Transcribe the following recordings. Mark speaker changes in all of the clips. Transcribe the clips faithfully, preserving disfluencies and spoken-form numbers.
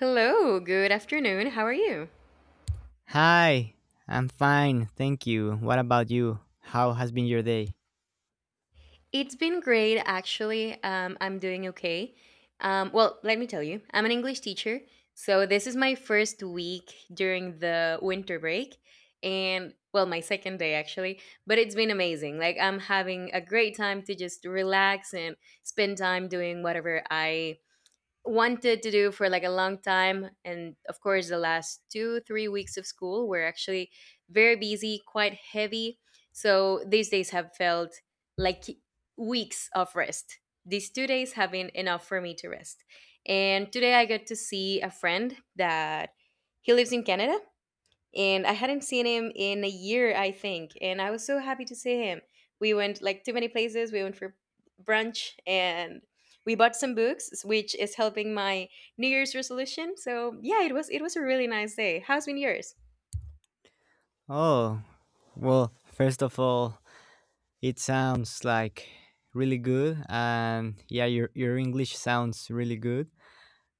Speaker 1: Hello, good afternoon. How are you?
Speaker 2: Hi, I'm fine, thank you. What about you? How has been your day?
Speaker 1: It's been great, actually. Um, I'm doing okay. Um, well, let me tell you, I'm an English teacher. So, this is my first week during the winter break, and well, my second day actually. But it's been amazing. Like, I'm having a great time to just relax and spend time doing whatever I wanted to do for like a long time. And of course, the last two three weeks of school were actually very busy, quite heavy, so these days have felt like weeks of rest. These two days have been enough for me to rest, and today I got to see a friend that he lives in Canada, and I hadn't seen him in a year, I think, and I was so happy to see him. We went like too many places. We went for brunch, and we bought some books, which is helping my New Year's resolution. So yeah, it was it was a really nice day. How's been yours?
Speaker 2: Oh, well, first of all, it sounds like really good, and yeah, your, your English sounds really good.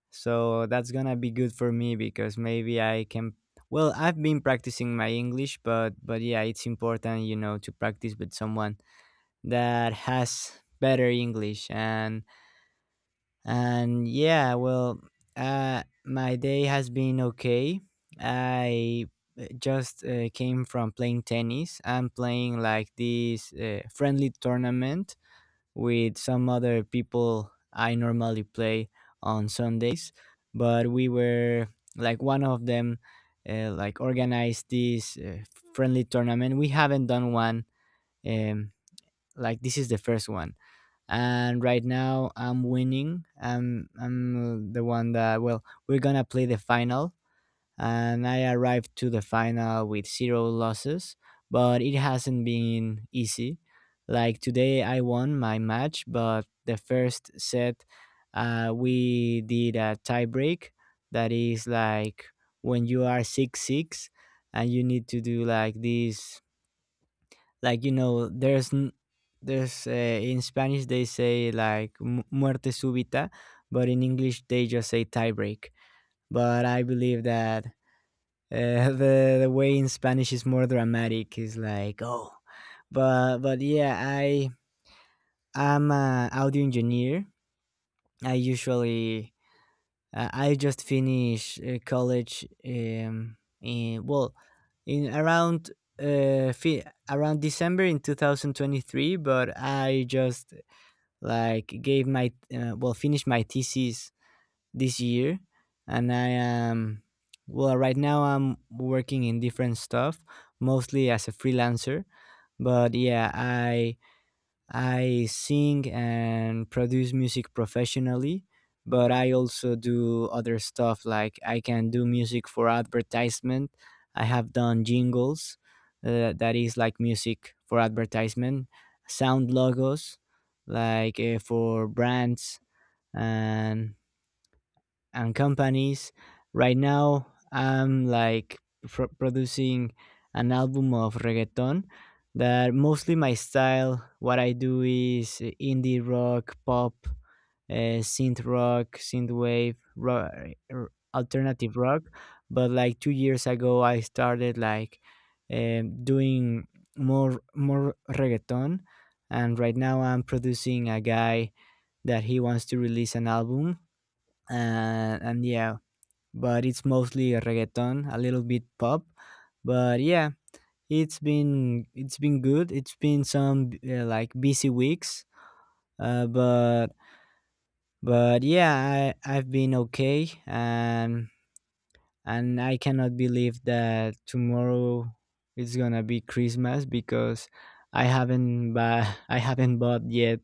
Speaker 2: So that's gonna be good for me because maybe I can. Well, I've been practicing my English, but but yeah, it's important, you know, to practice with someone that has better English and And yeah, well, uh, my day has been okay. I uh, just uh, came from playing tennis. I'm playing like this uh, friendly tournament with some other people I normally play on Sundays, but we were like one of them uh, like organized this uh, friendly tournament. We haven't done one. Um, like this is the first one and right now I'm winning. I'm I'm uh, the one that, well, we're gonna play the final, and I arrived to the final with zero losses, but it hasn't been easy. Like today, I won my match, but the first set, uh, we did a tie break. That is like when you are six six, and you need to do like this, like, you know, there's n- there's uh, in Spanish they say like mu- muerte súbita, but in English they just say tiebreak. But I believe that uh, the the way in Spanish is more dramatic, is like, oh. But but yeah, i i'm an audio engineer. I usually Uh, I just finished uh, college. Um, in, well, in around uh, fi- around December in twenty twenty-three, but I just like gave my uh, well, finished my thesis this year, and I am, well, right now I'm working in different stuff, mostly as a freelancer. But yeah, I I sing and produce music professionally, but I also do other stuff like I can do music for advertisement. I have done jingles, uh, that is like music for advertisement, sound logos, like uh, for brands, and and companies. Right now, I'm like pro- producing an album of reggaeton that, mostly my style, what I do is indie rock, pop, uh, synth rock, synth wave, ro- r- alternative rock. But like two years ago, I started like um, doing more more reggaeton, and right now I'm producing a guy that he wants to release an album and and yeah, but it's mostly reggaeton, a little bit pop, but yeah, it's been it's been good. It's been some uh, like busy weeks, uh, but but yeah, I I've been okay, and and I cannot believe that tomorrow it's gonna be Christmas because I haven't buy, I haven't bought yet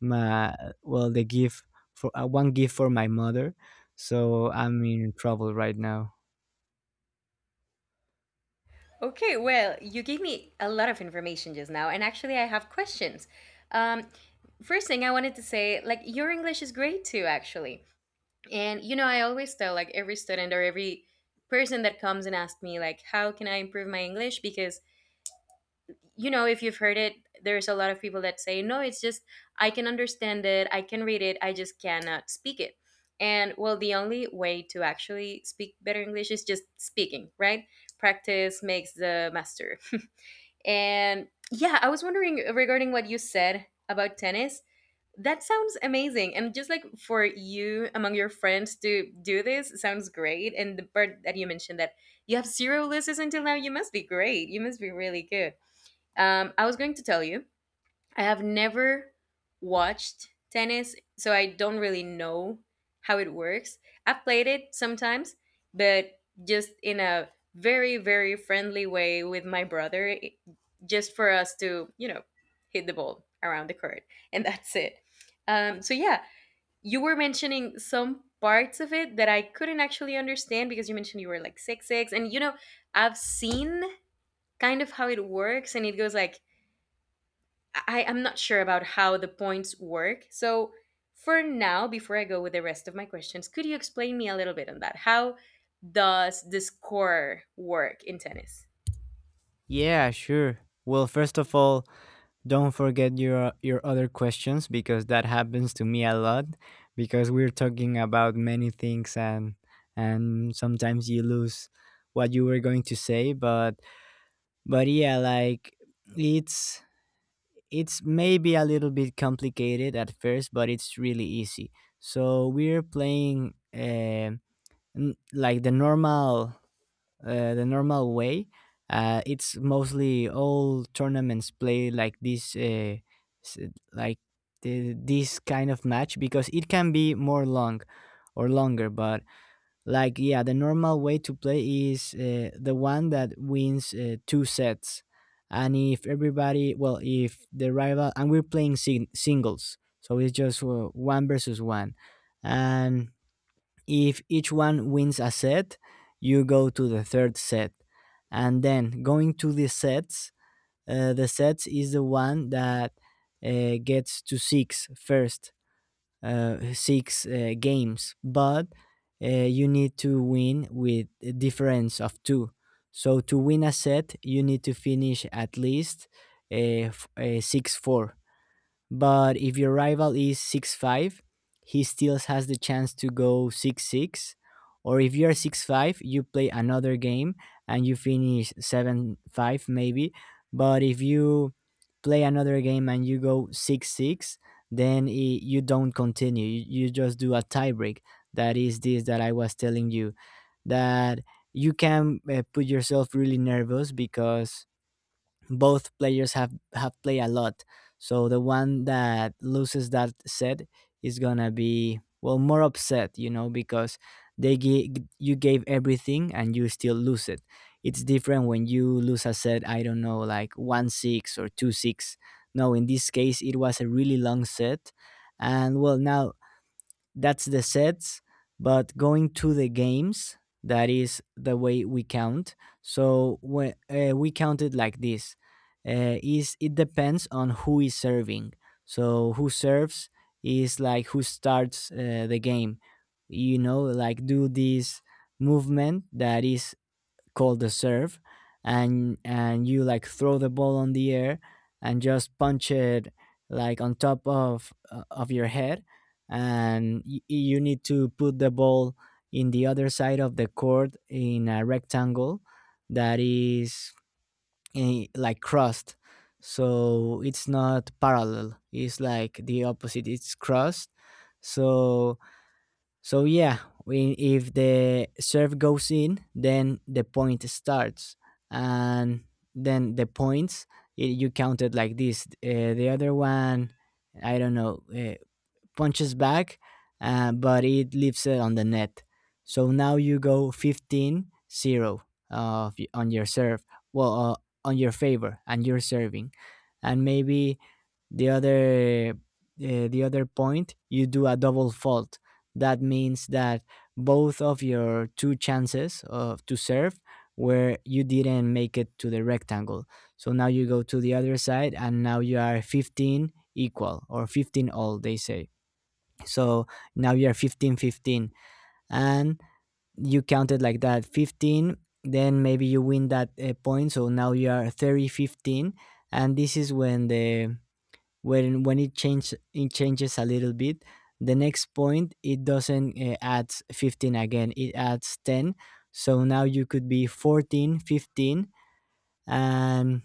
Speaker 2: my, well, the gift for uh, one gift for my mother, so I'm in trouble right now.
Speaker 1: Okay, well, you gave me a lot of information just now, and actually, I have questions. Um, first thing I wanted to say, like your English is great too, actually. And you know, I always tell like every student or every person that comes and asks me like how can I improve my English, because you know, if you've heard it, there's a lot of people that say, "No, it's just I can understand it, I can read it, I just cannot speak it." And well, the only way to actually speak better English is just speaking, right? Practice makes the master. And yeah, I was wondering regarding what you said about tennis, that sounds amazing. And just like for you among your friends to do this sounds great. And the part that you mentioned, that you have zero losses until now, you must be great. You must be really good. Um, I was going to tell you I have never watched tennis, so I don't really know how it works. I've played it sometimes, but just in a very, very friendly way with my brother, i- just for us to, you know, hit the ball around the court. And that's it. Um, so, yeah, you were mentioning some parts of it that I couldn't actually understand because you mentioned you were like six, six. And, you know, I've seen kind of how it works, and it goes like, I am not sure about how the points work. So for now, before I go with the rest of my questions, could you explain me a little bit on that? How does the score work in tennis?
Speaker 2: Yeah, sure. Well, first of all, don't forget your your other questions because that happens to me a lot, because we're talking about many things, and and sometimes you lose what you were going to say, but But yeah, like it's it's maybe a little bit complicated at first, but it's really easy. So we're playing, um n- like the normal, uh, the normal way. Uh, it's mostly all tournaments play like this, uh, s- like the, this kind of match because it can be more long or longer, but, like, yeah, the normal way to play is uh, the one that wins uh, two sets. And if everybody, well, if the rival, and we're playing sing- singles, so it's just uh, one versus one. And if each one wins a set, you go to the third set. And then going to the sets, uh, the sets is the one that uh, gets to six first, uh, six uh, games, but uh, you need to win with a difference of two. So to win a set, you need to finish at least, uh, f- uh, six four. But if your rival is six five, he still has the chance to go six six. Or if you're six five, you play another game and you finish seven five, maybe. But if you play another game and you go six six, then I you don't continue. You, you just do a tiebreak. That is this that I was telling you, that you can uh, put yourself really nervous because both players have have played a lot, so the one that loses that set is gonna be, well, more upset, you know, because they gi- you gave everything and you still lose it. It's different when you lose a set, I don't know, like one six or two six. No, in this case it was a really long set, and, well, now that's the sets. But going to the games, that is the way we count. So when, uh, we count it like this, uh, is it depends on who is serving. So who serves is like who starts uh, the game. You know, like, do this movement that is called the serve, and and you like throw the ball on the air and just punch it, like, on top of uh, of your head, and y- you need to put the ball in the other side of the court in a rectangle that is, eh, like, crossed. So it's not parallel. It's like the opposite. It's crossed. So so yeah, we, if the serve goes in, then the point starts, and then the points, i- you counted like this. Uh, the other one, I don't know, uh, punches back, uh, but it leaves it on the net. So now you go fifteen zero 0 uh, on your serve, well, uh, on your favor, and you're serving. And maybe the other. Uh, the other point, you do a double fault. That means that both of your two chances of to serve where you didn't make it to the rectangle. So now you go to the other side and now you are fifteen equal, or fifteen all, they say. So now you're fifteen, fifteen, and you counted like that, fifteen. Then maybe you win that uh, point, so now you are thirty fifteen, and this is when the when when it changes it changes a little bit. The next point, it doesn't uh, add fifteen again, it adds ten. So now you could be fourteen, fifteen, and,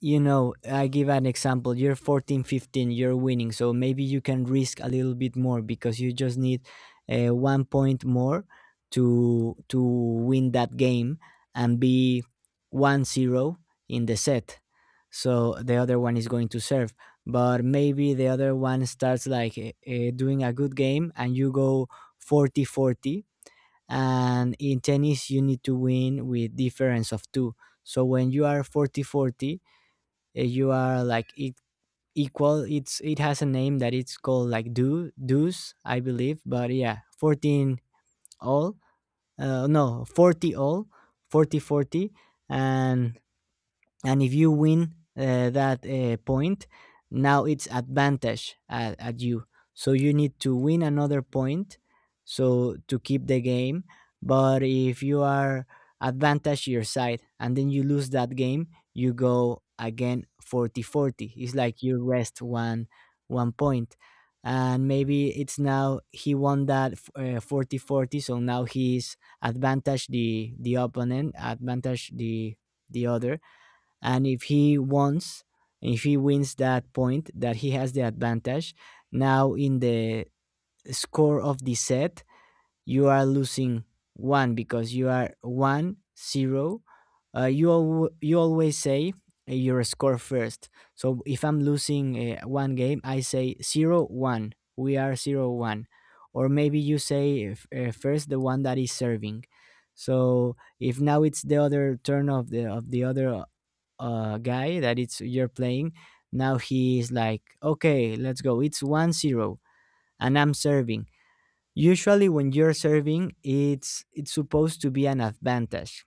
Speaker 2: you know, I give an example. You're fourteen, fifteen, you're winning. So maybe you can risk a little bit more because you just need uh, one point more to to win that game and be one zero in the set. So the other one is going to serve. But maybe the other one starts like, uh, uh, doing a good game, and you go forty forty. And in tennis you need to win with difference of two. So when you are forty forty, uh, you are like it equal, it's it has a name that it's called, like, do do's, I believe. But yeah, fourteen all, uh, no, forty all, forty forty, and and if you win uh, that uh, point, now it's advantage at, at you. So you need to win another point, so to keep the game. But if you are advantage your side and then you lose that game, you go again forty forty. It's like you rest one one point. And maybe it's now he won that forty forty. So now he's advantage the the opponent, advantage the the other, and if he wants, if he wins that point that he has the advantage, now in the score of the set you are losing one because you are one zero. Uh, you al- you always say uh, your score first. So if I'm losing uh, one game, I say zero one, we are zero one. Or maybe you say, f- uh, first, the one that is serving. So if now it's the other turn of the of the other uh, guy that it's you're playing, now he's like, okay, let's go, it's one zero and I'm serving. Usually when you're serving, it's it's supposed to be an advantage.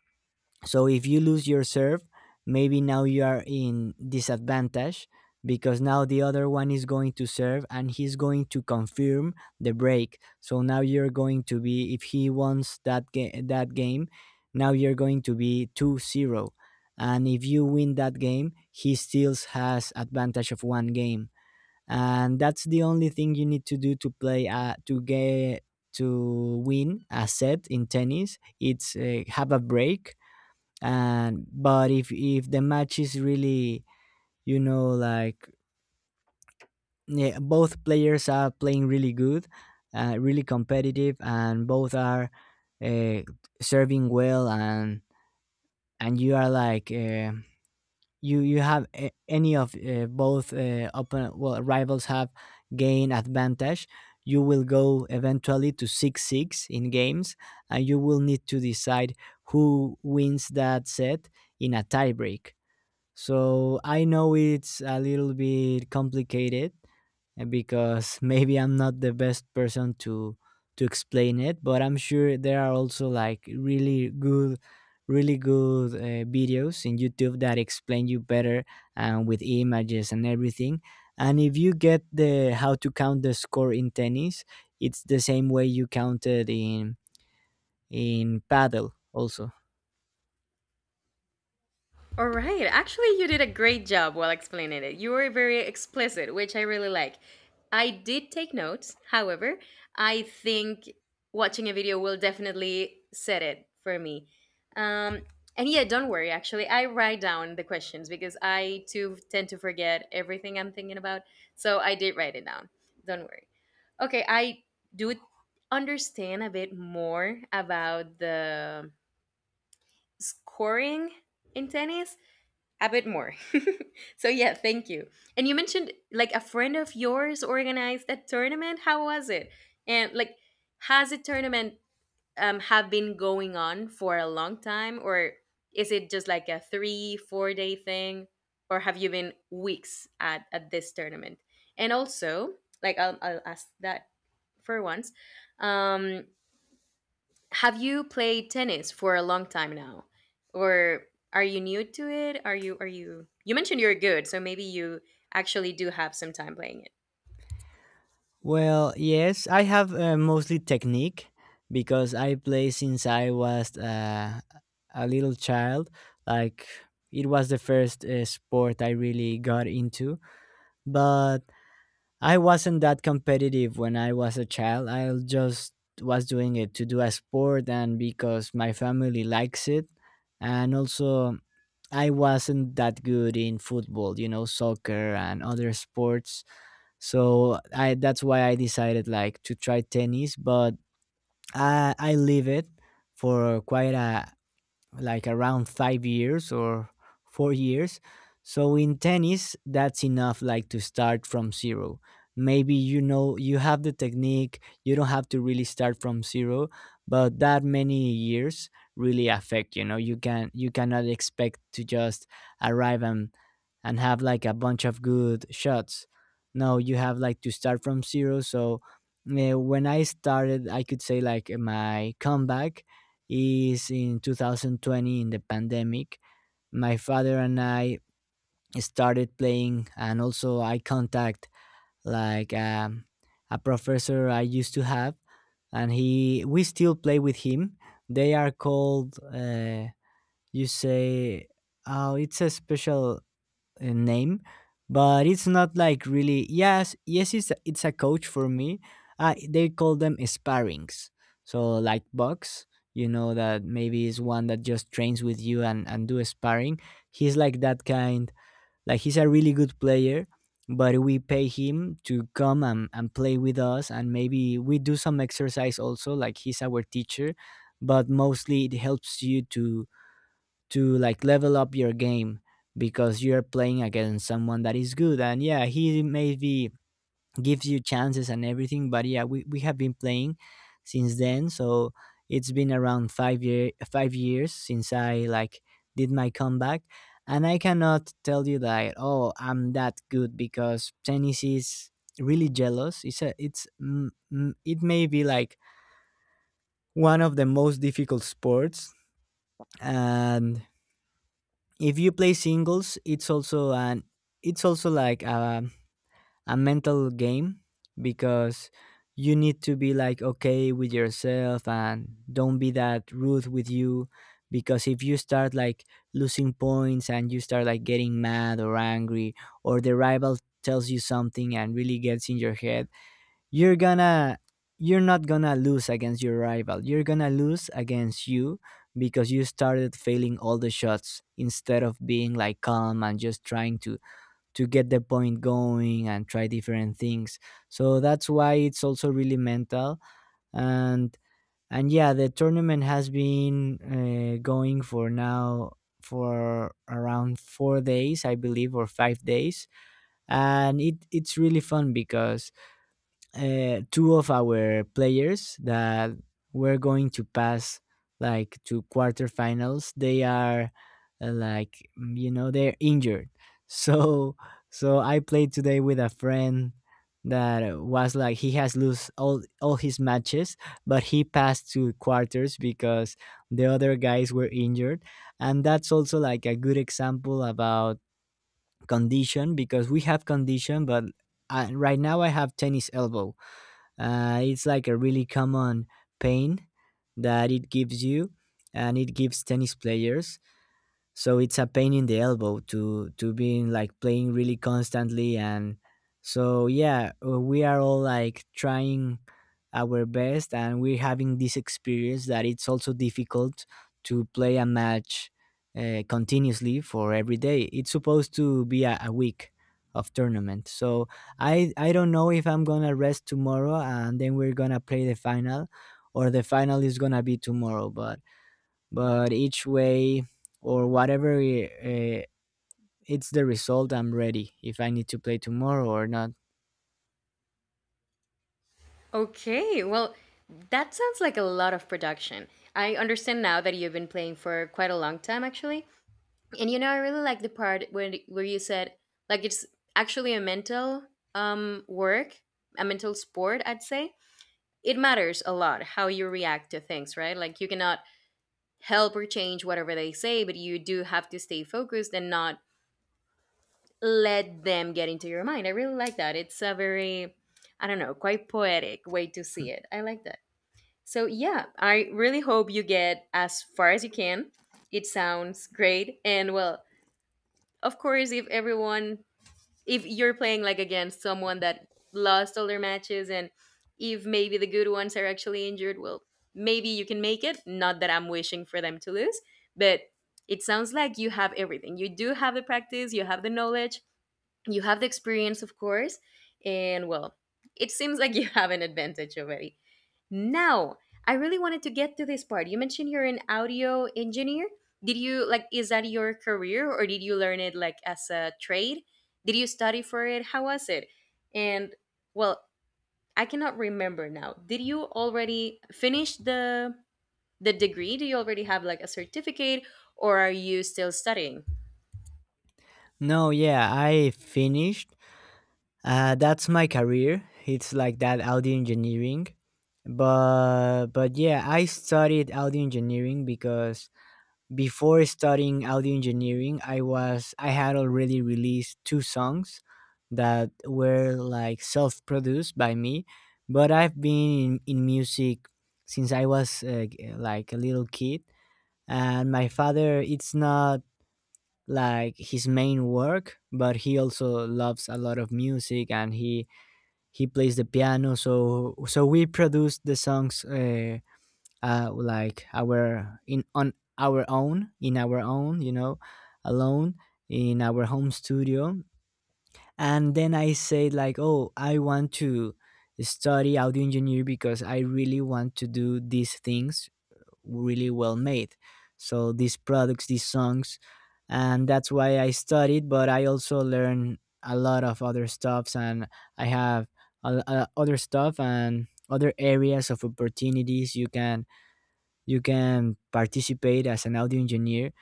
Speaker 2: So if you lose your serve, maybe now you are in disadvantage, because now the other one is going to serve and he's going to confirm the break. So now you're going to be, if he wants that, ga- that game, now you're going to be two zero. And if you win that game, he still has advantage of one game. And that's the only thing you need to do to play, uh, to get to win a set in tennis. It's uh, have a break. And but if if the match is really, you know like, yeah, both players are playing really good, uh, really competitive, and both are uh, serving well, and and you are like, uh, you you have a, any of uh, both uh, open, well, rivals have gain advantage. You will go eventually to six six in games, and you will need to decide who wins that set in a tiebreak. So I know it's a little bit complicated, uh, because maybe I'm not the best person to to explain it, but I'm sure there are also like really good really good uh, videos in YouTube that explain you better, and with images and everything. And if you get the how to count the score in tennis, it's the same way you counted in in paddle also.
Speaker 1: All right. Actually, you did a great job while explaining it. You were very explicit, which I really like. I did take notes. However, I think watching a video will definitely set it for me. Um, and yeah, don't worry. Actually, I write down the questions because I too tend to forget everything I'm thinking about. So I did write it down. Don't worry. Okay, I do understand a bit more about the scoring in tennis a bit more. So yeah, thank you. And you mentioned like a friend of yours organized a tournament. How was it? And like, has a tournament um have been going on for a long time, or is it just like a three, four day thing, or have you been weeks at at this tournament? And also, like, I'll I'll ask that for once. Um, have you played tennis for a long time now? Or are you new to it? Are you are you You mentioned you're good, so maybe you actually do have some time playing it.
Speaker 2: Well, yes, I have uh, mostly technique because I play since I was uh, a little child. Like, it was the first uh, sport I really got into, but I wasn't that competitive when I was a child. I just was doing it to do a sport, and because my family likes it, and also I wasn't that good in football, you know, soccer and other sports. So I that's why I decided like to try tennis, but i i leave it for quite a, like, around five years or four years. So in tennis, that's enough, like to start from zero. Maybe you know, you have the technique, you don't have to really start from zero, but that many years really affect. You know, you can you cannot expect to just arrive and and have like a bunch of good shots. No, you have like to start from zero. So eh, when I started, I could say like, my comeback is in two thousand twenty, in the pandemic. My father and I started playing, and also I contact like um, a professor I used to have, and he we still play with him. They are called, uh, you say, oh, it's a special, uh, name, but it's not like really. Yes, yes, it's a, it's a coach for me. Uh, they call them sparrings. So, like, box, you know, that maybe is one that just trains with you and and do sparring. He's like that kind. Like, he's a really good player, but we pay him to come and, and play with us, and maybe we do some exercise also. Like, he's our teacher, but mostly it helps you to to like level up your game, because you're playing against someone that is good. And yeah, he maybe gives you chances and everything, but yeah, we, we have been playing since then. So it's been around five year five years since I like did my comeback, and I cannot tell you that, oh, I'm that good, because tennis is really jealous. it's a, it's, mm, mm, it may be like one of the most difficult sports. And if you play singles, it's also an it's also like a, a mental game, because you need to be like okay with yourself and don't be that rude with you. Because if you start like losing points, and you start like getting mad or angry, or the rival tells you something and really gets in your head, you're gonna you're not gonna lose against your rival, you're gonna lose against you, because you started failing all the shots instead of being like calm and just trying to to get the point going and try different things. So that's why it's also really mental. And and yeah, the tournament has been, uh, going for now, for around four days, I believe, or five days. And it it's really fun because, uh, two of our players that were going to pass, like, to quarterfinals, they are, uh, like, mm, you know, they're injured so so I played today with a friend that was like, he has lost all all his matches, but he passed to quarters because the other guys were injured. And that's also like a good example about condition, because we have condition, but uh, right now I have tennis elbow. Uh, it's like a really common pain that it gives you, and it gives tennis players. So it's a pain in the elbow to to being like playing really constantly. And so yeah, uh, we are all like trying our best, and we're having this experience that it's also difficult to play a match, uh, continuously, for every day. It's supposed to be a, a week of tournament. So i i don't know if I'm gonna rest tomorrow and then we're gonna play the final, or the final is gonna be tomorrow, but but each way, or whatever, uh, it's the result, I'm ready if I need to play tomorrow or not.
Speaker 1: Okay, well, that sounds like a lot of production. I understand now that you've been playing for quite a long time actually. And you know, I really like the part where where you said like it's actually a mental um work, a mental sport, I'd say. It matters a lot how you react to things, right? Like you cannot help or change whatever they say, but you do have to stay focused and not let them get into your mind. I really like that. It's a very, I don't know, quite poetic way to see it. I like that. So, yeah, I really hope you get as far as you can. It sounds great. And, well, of course, if everyone, if you're playing like against someone that lost all their matches, and if maybe the good ones are actually injured, well, maybe you can make it. Not that I'm wishing for them to lose, but it sounds like you have everything. You do have the practice, you have the knowledge, you have the experience of course, and well, it seems like you have an advantage already. Now, I really wanted to get to this part. You mentioned you're an audio engineer. Did you like is that your career, or did you learn it like as a trade? Did you study for it? How was it? And well, I cannot remember now. Did you already finish the the degree? Do you already have like a certificate, or are you still studying?
Speaker 2: No, yeah, I finished, uh, that's my career, it's like that, audio engineering. But but yeah, I studied audio engineering, because before studying audio engineering, I was I had already released two songs that were like self-produced by me, but I've been in, in music since I was uh, g- like a little kid. And my father, it's not like his main work, but he also loves a lot of music, and he he plays the piano. So so we produced the songs, uh, uh like, our in on our own, in our own you know, alone, in our home studio. And then I said like, oh, I want to study audio engineer, because I really want to do these things really well made. So, these products, these songs, and that's why I studied, but I also learn a lot of other stuffs. And I have a, a- other stuff, and other areas of opportunities you can you can participate as an audio engineer.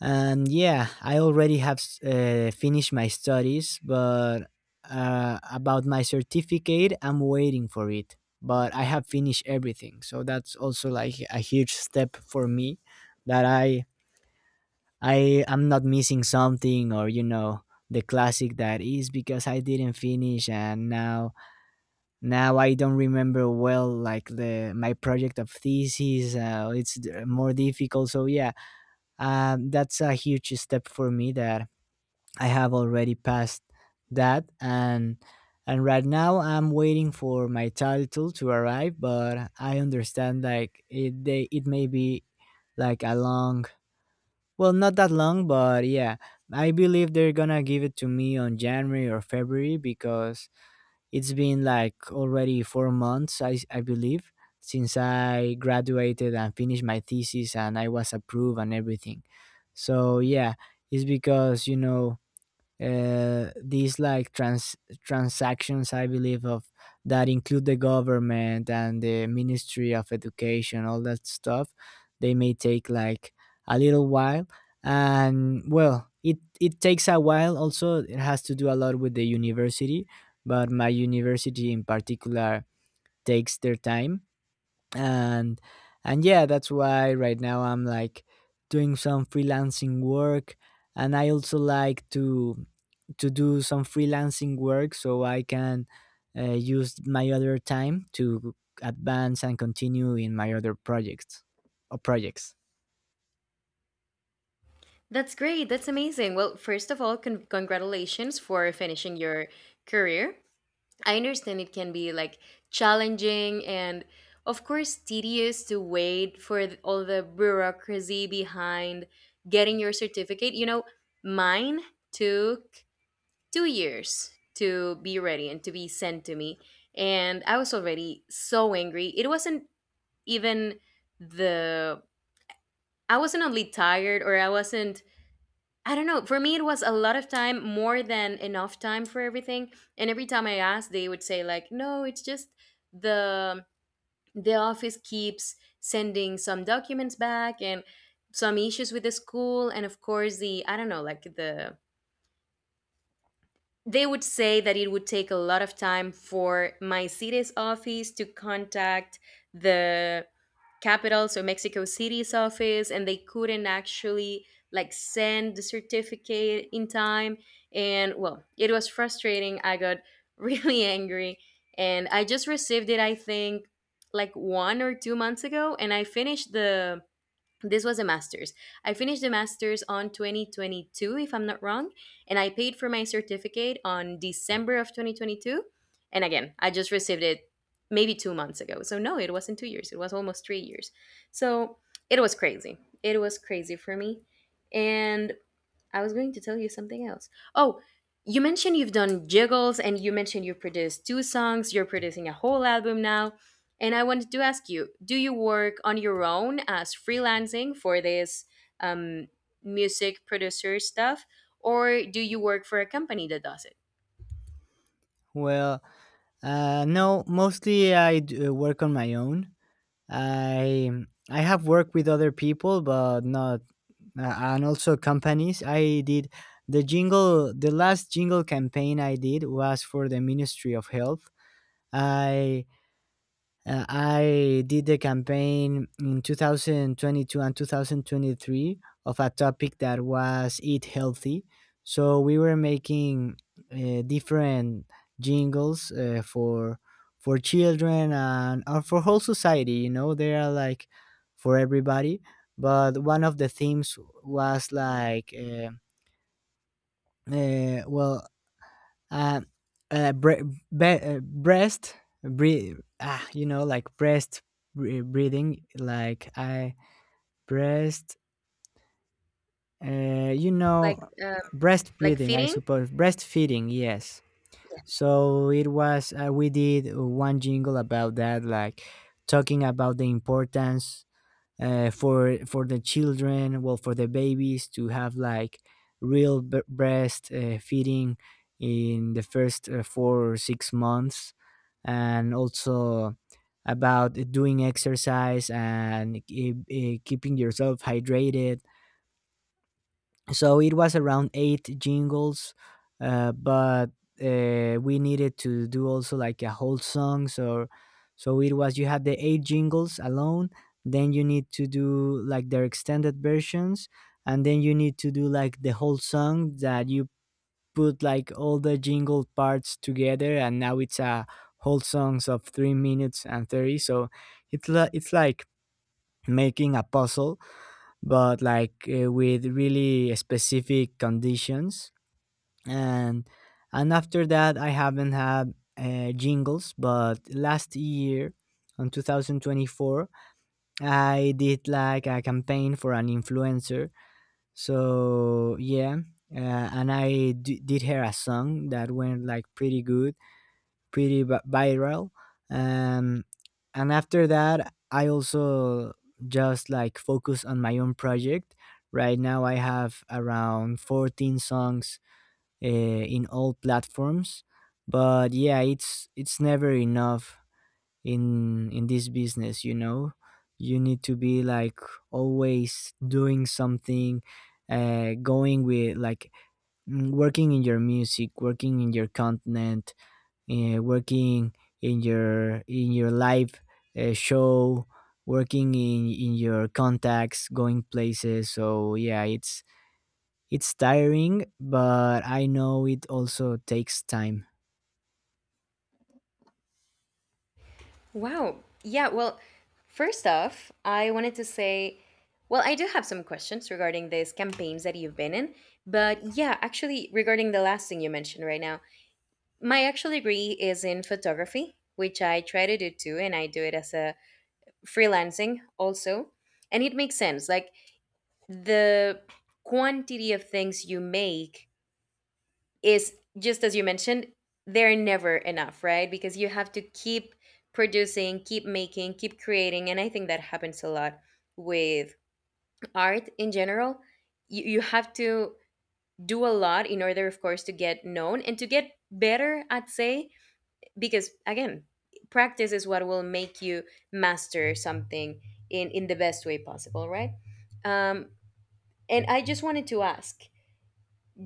Speaker 2: And yeah, I already have s- uh, finished my studies, but uh, about my certificate, I'm waiting for it. But I have finished everything, so that's also like a huge step for me, that i I am not missing something, or, you know, the classic that is because I didn't finish. And now now I don't remember well, like, the my project of thesis. Uh, it's d- more difficult. So yeah, um, that's a huge step for me that I have already passed that. And and right now I'm waiting for my title to arrive. But I understand like, it they, it may be like a long, well, not that long, but yeah, I believe they're gonna give it to me on January or February, because it's been like already four months, I, I believe, since I graduated and finished my thesis and I was approved and everything. So yeah, it's because, you know, uh, these, like, trans transactions, I believe, of, that include the government and the ministry of education, all that stuff. They may take like a little while. And well, it it takes a while also. It has to do a lot with the university, but my university in particular takes their time. And and yeah, that's why right now I'm like doing some freelancing work, and I also like to to do some freelancing work, so I can uh, use my other time to advance and continue in my other projects, or projects.
Speaker 1: That's great. That's amazing. Well, first of all, con- congratulations for finishing your career. I understand it can be like challenging and, of course, tedious to wait for th- all the bureaucracy behind getting your certificate. You know, mine took two years to be ready and to be sent to me. And I was already so angry. It wasn't even the. I wasn't only tired, or I wasn't, I don't know. For me, it was a lot of time, more than enough time for everything. And every time I asked, they would say like, "No, it's just the the office keeps sending some documents back and some issues with the school, and of course the I don't know, like the they would say that it would take a lot of time for my city's office to contact the capital, so Mexico City's office, and they couldn't actually like send the certificate in time." And well, it was frustrating. I got really angry, and I just received it. I think like one or two months ago, and I finished the this was a master's. I finished the master's on twenty twenty-two, if I'm not wrong, and I paid for my certificate on December of twenty twenty-two. And again, I just received it maybe two months ago. So, no, it wasn't two years, it was almost three years. So, it was crazy. It was crazy for me. And I was going to tell you something else. Oh, you mentioned you've done jiggles, and you mentioned you've produced two songs, you're producing a whole album now. And I wanted to ask you, do you work on your own as freelancing for this um, music producer stuff, or do you work for a company that does it?
Speaker 2: Well, uh, no, mostly I d- uh, work on my own. I I have worked with other people, but not, uh, and also companies. I did the jingle. The last jingle campaign I did was for the Ministry of Health. I Uh, I did the campaign in two thousand twenty-two and twenty twenty-three, of a topic that was eat healthy. So we were making, uh, different jingles, uh, for for children, and, or, for whole society. You know, they are like for everybody. But one of the themes was like, uh, uh, well, uh, uh, bre- be- uh breast, bre, ah you know like, breast, bre- breathing, like, I breast, uh, you
Speaker 1: Like,
Speaker 2: know
Speaker 1: um,
Speaker 2: breast
Speaker 1: like
Speaker 2: breathing, I
Speaker 1: fitting?
Speaker 2: suppose, breastfeeding, yes. So it was, uh, we did one jingle about that, like, talking about the importance, uh, for for the children, well, for the babies, to have like real b- breast, uh, feeding, in the first, uh, four or six months, and also about doing exercise and keep, uh, keeping yourself hydrated. So it was around eight jingles, uh, but, uh, we needed to do also like a whole song. So so it was, you had the eight jingles alone, then you need to do like their extended versions, and then you need to do like the whole song that you put, like, all the jingle parts together. And now it's a whole songs of three minutes and thirty. So it's li- it's like making a puzzle, but like, uh, with really specific conditions. And and after that, I haven't had, uh, jingles, but last year, on twenty twenty-four, I did like a campaign for an influencer. So yeah, uh, and I d- did her a song that went like pretty good, pretty viral. Um, and after that, I also just like focus on my own project. Right now, I have around fourteen songs, uh, in all platforms. But yeah, it's it's never enough in in this business, you know. You need to be like always doing something, uh, going with, like, mm, working in your music, working in your content, uh, working in your in your live, uh, show, working in in your contacts, going places. So yeah, it's it's tiring, but I know it also takes time.
Speaker 1: Wow. Yeah, well, first off, I wanted to say, well, I do have some questions regarding these campaigns that you've been in, but yeah, actually, regarding the last thing you mentioned right now, my actual degree is in photography, which I try to do too, and I do it as a freelancing also. And it makes sense. Like the quantity of things you make is just as you mentioned, they're never enough, right? Because you have to keep producing, keep making, keep creating. And I think that happens a lot with art in general. You, you have to do a lot in order, of course, to get known and to get better, I'd say, because again, practice is what will make you master something in, in the best way possible, right? Um, and I just wanted to ask,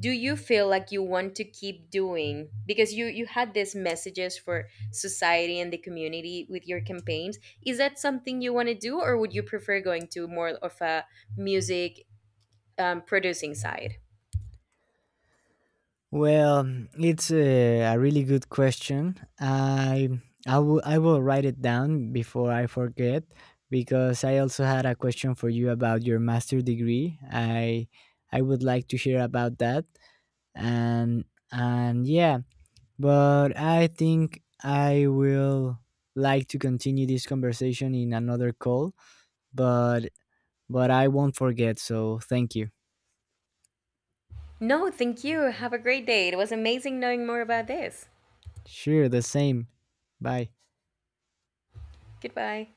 Speaker 1: do you feel like you want to keep doing, because you you had these messages for society and the community with your campaigns, is that something you want to do, or would you prefer going to more of a music um, producing side?
Speaker 2: Well, it's a, a really good question. i I will I will write it down before I forget, because I also had a question for you about your master degree. I I would like to hear about that. And and yeah. But I think I will like to continue this conversation in another call, but but I won't forget, so thank you.
Speaker 1: No, thank you, have a great day. It was amazing knowing more about this.
Speaker 2: Sure, the same. Bye.
Speaker 1: Goodbye.